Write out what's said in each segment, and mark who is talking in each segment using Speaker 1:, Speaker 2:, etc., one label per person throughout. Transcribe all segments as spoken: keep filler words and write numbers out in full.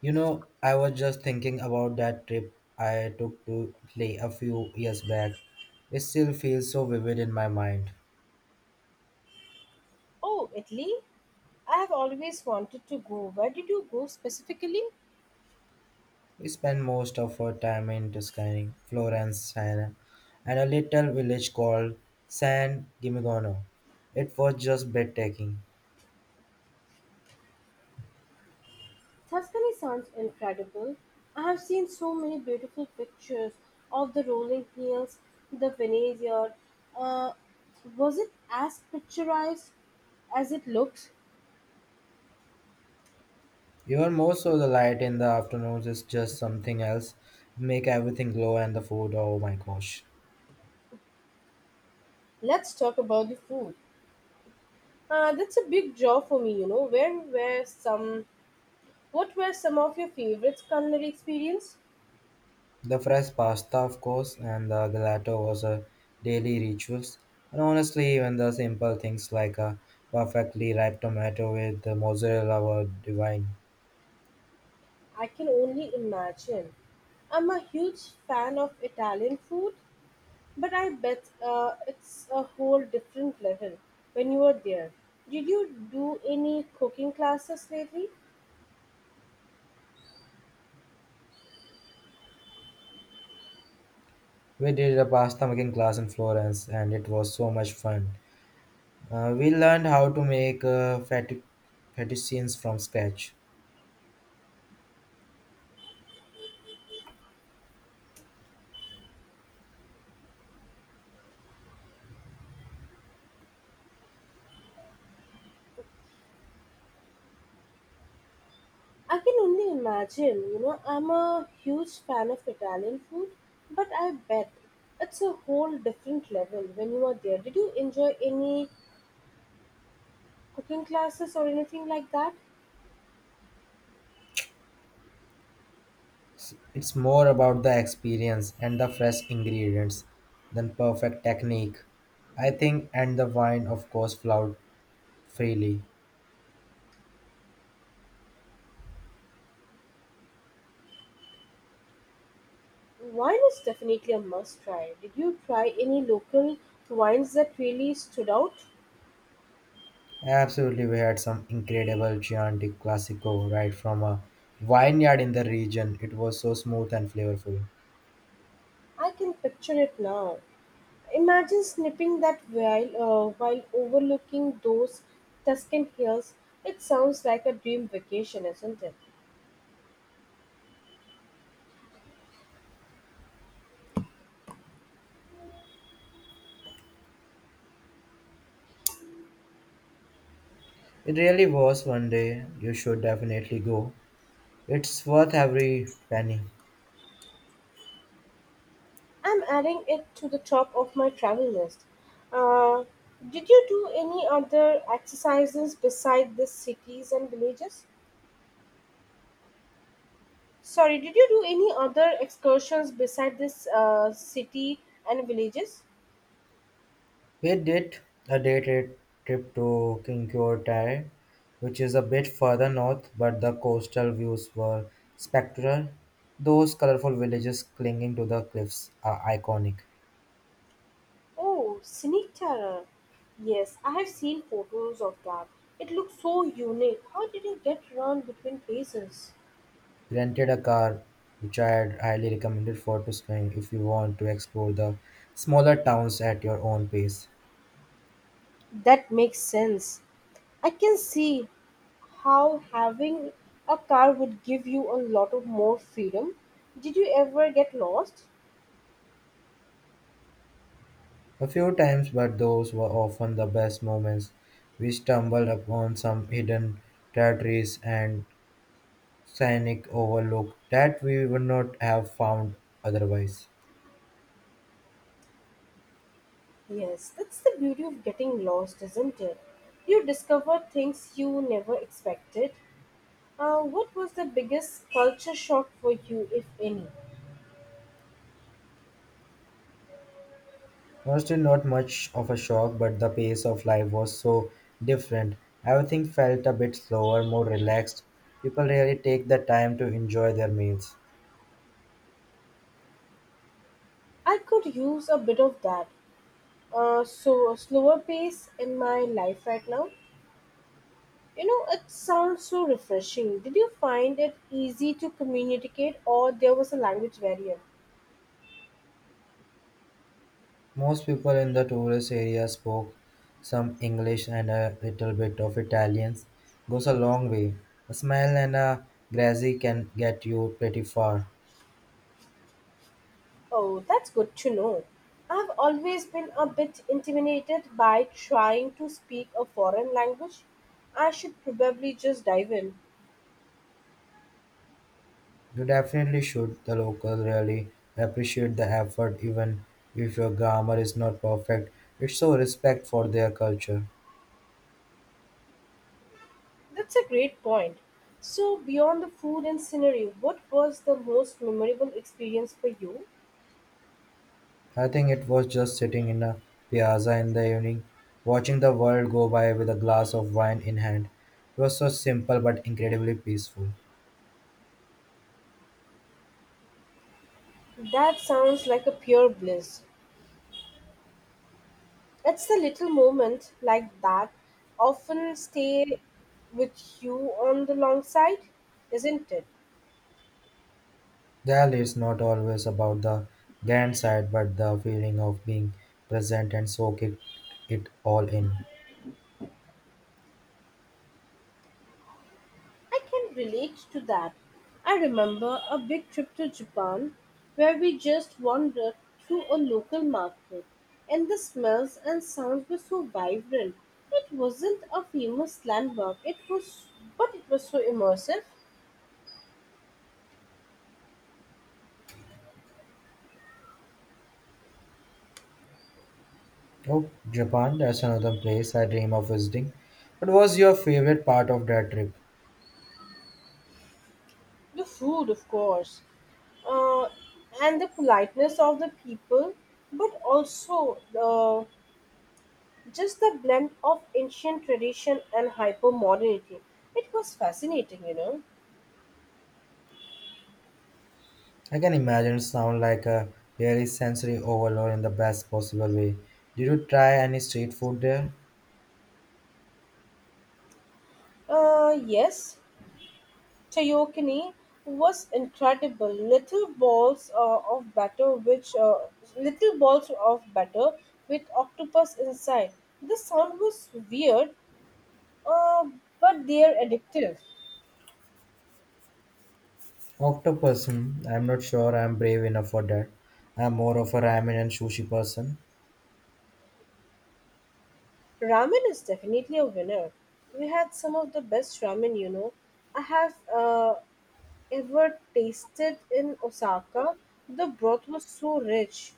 Speaker 1: You know, I was just thinking about that trip I took to Italy a few years back. It still feels so vivid in my mind.
Speaker 2: Oh, Italy? I have always wanted to go. Where did you go specifically?
Speaker 1: We spent most of our time in Tuscany, Florence, Siena, and a little village called San Gimignano. It was just breathtaking.
Speaker 2: Tuscany sounds incredible. I have seen so many beautiful pictures of the rolling hills, the vineyard. Uh, was it as picturized as it looks?
Speaker 1: Even more so, the light in the afternoons is just something else. Make everything glow and the food, oh my gosh.
Speaker 2: Let's talk about the food. Uh, that's a big draw for me, you know. Where were some what were some of your favorite culinary experience?
Speaker 1: The fresh pasta, of course, and the gelato was a daily rituals. And honestly, even the simple things like a perfectly ripe tomato with the mozzarella were divine.
Speaker 2: I can only imagine. I'm a huge fan of Italian food, but I bet uh, it's a whole different level when you were there. Did you do any cooking classes lately?
Speaker 1: We did a pasta making class in Florence, and it was so much fun. Uh, we learned how to make uh, fettu- fettuccines from scratch.
Speaker 2: I can only imagine, you know, I'm a huge fan of Italian food, but I bet it's a whole different level when you are there. Did you enjoy any cooking classes or anything like that?
Speaker 1: S- It's more about the experience and the fresh ingredients than perfect technique. I think, and the wine, of course, flowed freely.
Speaker 2: Wine is definitely a must try. Did you try any local wines that really stood out?
Speaker 1: Absolutely, we had some incredible Chianti Classico right from a vineyard in the region. It was so smooth and flavorful.
Speaker 2: I can picture it now. Imagine snipping that while, uh, while overlooking those Tuscan hills. It sounds like a dream vacation, isn't it?
Speaker 1: It really was one day. You should definitely go. It's worth every penny.
Speaker 2: I'm adding it to the top of my travel list. Uh, did you do any other exercises beside these cities and villages? Sorry, did you do any other excursions beside this uh, city and villages?
Speaker 1: We did a day trip trip to Kinkyotai, which is a bit further north, but the coastal views were spectral. Those colorful villages clinging to the cliffs are iconic.
Speaker 2: Oh, Sneak Terror. Yes, I have seen photos of that. It looks so unique. How did you get around between places?
Speaker 1: He rented a car, which I'd highly recommended for to touring if you want to explore the smaller towns at your own pace.
Speaker 2: That makes sense. I can see how having a car would give you a lot of more freedom. Did you ever get lost?
Speaker 1: A few times, but those were often the best moments. We stumbled upon some hidden territories and scenic overlook that we would not have found otherwise.
Speaker 2: Yes, that's the beauty of getting lost, isn't it? You discover things you never expected. Uh, what was the biggest culture shock for you, if any?
Speaker 1: Honestly, not much of a shock, but the pace of life was so different. Everything felt a bit slower, more relaxed. People really take the time to enjoy their meals.
Speaker 2: I could use a bit of that. uh, so a slower pace in my life right now. You know, it sounds so refreshing. Did you find it easy to communicate, or there was a language barrier?
Speaker 1: Most people in the tourist area spoke some English and a little bit of Italian goes a long way. A smile and a grazie can get you pretty far.
Speaker 2: Oh, that's good to know. I've always been a bit intimidated by trying to speak a foreign language. I should probably just dive in.
Speaker 1: You definitely should. The locals really appreciate the effort even if your grammar is not perfect. It's so respect for their culture.
Speaker 2: That's a great point. So, beyond the food and scenery, what was the most memorable experience for you?
Speaker 1: I think it was just sitting in a piazza in the evening, watching the world go by with a glass of wine in hand. It was so simple but incredibly peaceful.
Speaker 2: That sounds like a pure bliss. It's the little moments like that often stay with you on the long side, isn't it?
Speaker 1: Dell is not always about the grand side but the feeling of being present and soaking it it all in.
Speaker 2: I can relate to that. I remember a big trip to Japan where we just wandered through a local market and the smells and sounds were so vibrant. It wasn't a famous landmark, it was but it was so immersive.
Speaker 1: Oh, Japan, that's another place I dream of visiting. What was your favorite part of that trip?
Speaker 2: The food, of course. uh, and the politeness of the people, but also uh, just the blend of ancient tradition and hyper modernity. It was fascinating, you know.
Speaker 1: I can imagine it sound like a really sensory overload in the best possible way. Did you try any street food there?
Speaker 2: Uh, yes, Tayokini was incredible. Little balls uh, of batter, which uh, little balls of batter with octopus inside. The sound was weird, uh, but they are addictive.
Speaker 1: Octopus, hmm, I'm not sure I'm brave enough for that. I'm more of a ramen and sushi person.
Speaker 2: Ramen is definitely a winner. We had some of the best ramen, you know, I have uh, ever tasted in Osaka. The broth was so rich.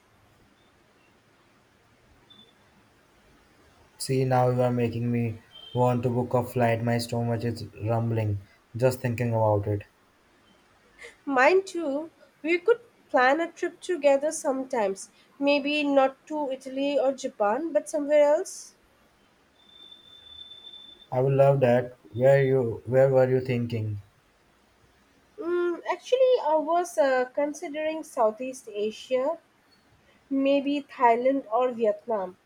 Speaker 1: See, now you are making me want to book a flight. My stomach is rumbling just thinking about it.
Speaker 2: Mind you, we could plan a trip together sometimes. Maybe not to Italy or Japan, but somewhere else.
Speaker 1: I would love that. Where you where were you thinking?
Speaker 2: Mm, actually, I was uh, considering Southeast Asia, maybe Thailand or Vietnam.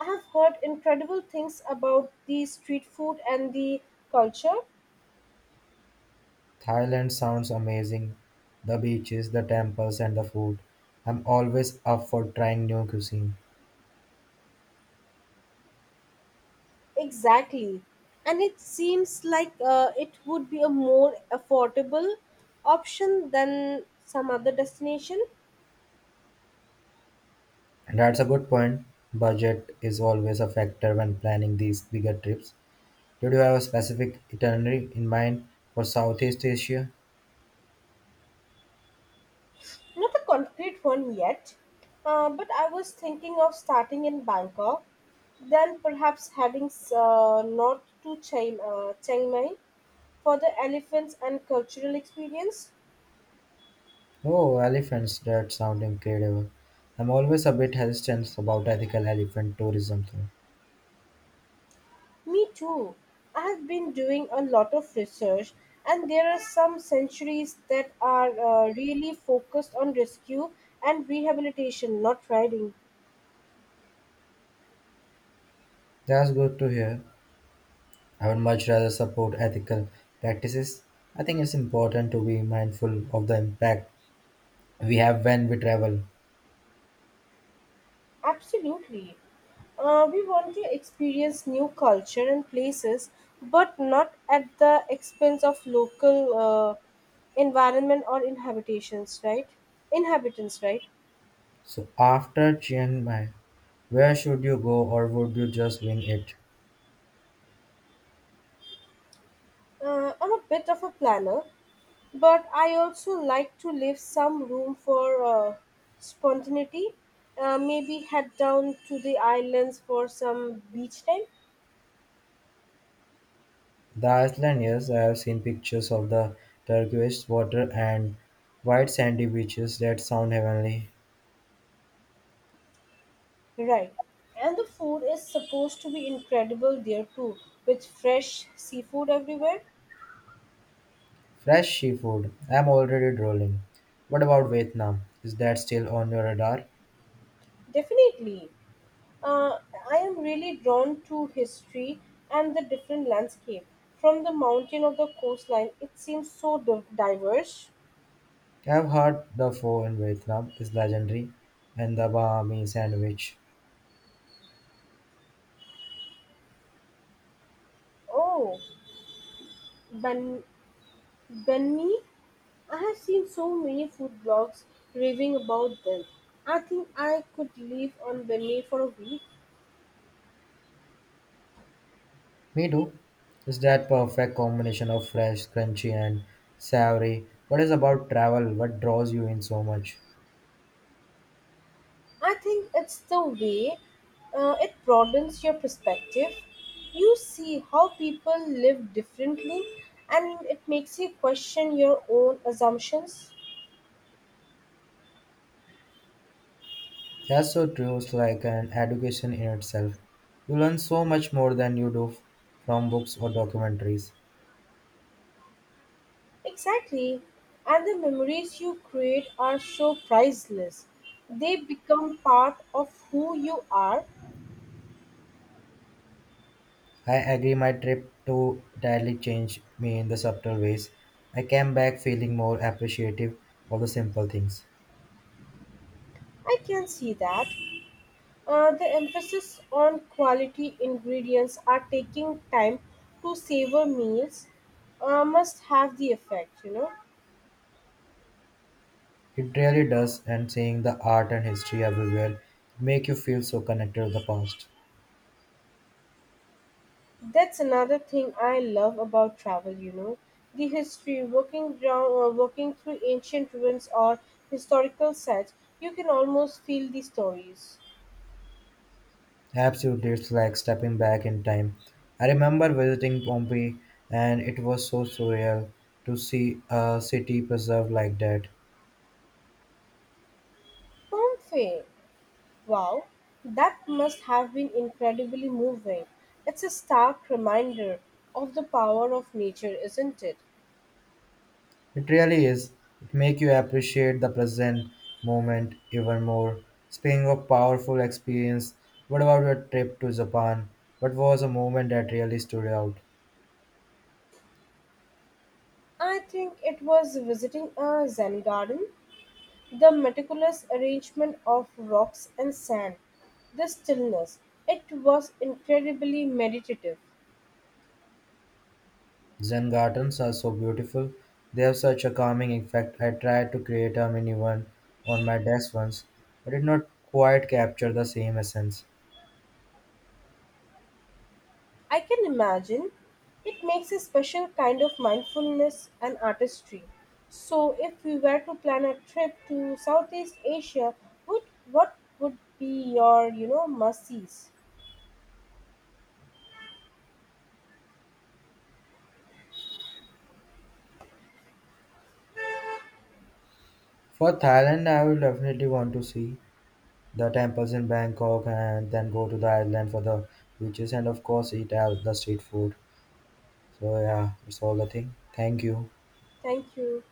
Speaker 2: I have heard incredible things about the street food and the culture.
Speaker 1: Thailand sounds amazing. The beaches, the temples and the food. I'm always up for trying new cuisine.
Speaker 2: Exactly. And it seems like uh, it would be a more affordable option than some other destination.
Speaker 1: And that's a good point. Budget is always a factor when planning these bigger trips. Did you have a specific itinerary in mind for Southeast Asia?
Speaker 2: Not a concrete one yet, uh, but I was thinking of starting in Bangkok, then perhaps heading uh, north to Chiang, uh, Chiang Mai for the elephants and cultural experience.
Speaker 1: Oh, elephants, that sound incredible. I'm always a bit hesitant about ethical elephant tourism though.
Speaker 2: Me too. I have been doing a lot of research, and there are some centuries that are uh, really focused on rescue and rehabilitation, not riding.
Speaker 1: That's good to hear. I would much rather support ethical practices. I think it's important to be mindful of the impact we have when we travel.
Speaker 2: Absolutely. Uh, we want to experience new culture and places, but not at the expense of local uh, environment or inhabitations, right? Inhabitants, right?
Speaker 1: So after Chiang Mai, where should you go or would you just wing it?
Speaker 2: Uh, I'm a bit of a planner, but I also like to leave some room for uh, spontaneity. Uh, maybe head down to the islands for some beach time.
Speaker 1: The Iceland, yes, I have seen pictures of the turquoise water and white sandy beaches that sound heavenly.
Speaker 2: Right. And the food is supposed to be incredible there too, with fresh seafood everywhere.
Speaker 1: Fresh seafood. I'm already drooling. What about Vietnam? Is that still on your radar?
Speaker 2: Definitely. Uh, I am really drawn to history and the different landscape. From the mountain of the coastline, it seems so div- diverse.
Speaker 1: I've heard the pho in Vietnam is legendary and the Bahami sandwich.
Speaker 2: Oh, Ben Benmi I have seen so many food blogs raving about them. I think I could live on Benny for a week.
Speaker 1: Me too. Is that perfect combination of fresh, crunchy and savory? What is about travel? What draws you in so much?
Speaker 2: I think it's the way uh, it broadens your perspective. You see how people live differently and it makes you question your own assumptions.
Speaker 1: That's so true. It's like an education in itself. You learn so much more than you do from books or documentaries.
Speaker 2: Exactly. And the memories you create are so priceless. They become part of who you are.
Speaker 1: I agree, my trip to Italy changed me in the subtle ways. I came back feeling more appreciative of the simple things.
Speaker 2: I can see that. Uh, the emphasis on quality ingredients are taking time to savor meals uh, must have the effect, you know.
Speaker 1: It really does, and seeing the art and history everywhere make you feel so connected to the past.
Speaker 2: That's another thing I love about travel, you know. The history, walking ground, uh, walking through ancient ruins or historical sites, you can almost feel the stories.
Speaker 1: Absolutely, it's like stepping back in time. I remember visiting Pompeii, and it was so surreal to see a city preserved like that.
Speaker 2: Pompeii, wow, that must have been incredibly moving. It's a stark reminder of the power of nature, isn't it?
Speaker 1: It really is. It make you appreciate the present moment even more. Speaking of powerful experience, what about your trip to Japan? What was a moment that really stood out?
Speaker 2: I think it was visiting a Zen garden, the meticulous arrangement of rocks and sand, the stillness. It was incredibly meditative.
Speaker 1: Zen gardens are so beautiful. They have such a calming effect. I tried to create a mini one on my desk once, but did not quite capture the same essence.
Speaker 2: I can imagine it makes a special kind of mindfulness and artistry. So, if we were to plan a trip to Southeast Asia, what, what would be your, you know, must-sees?
Speaker 1: For Thailand, I will definitely want to see the temples in Bangkok and then go to the island for the beaches and of course eat out the street food. So yeah, that's all the thing. Thank you.
Speaker 2: Thank you.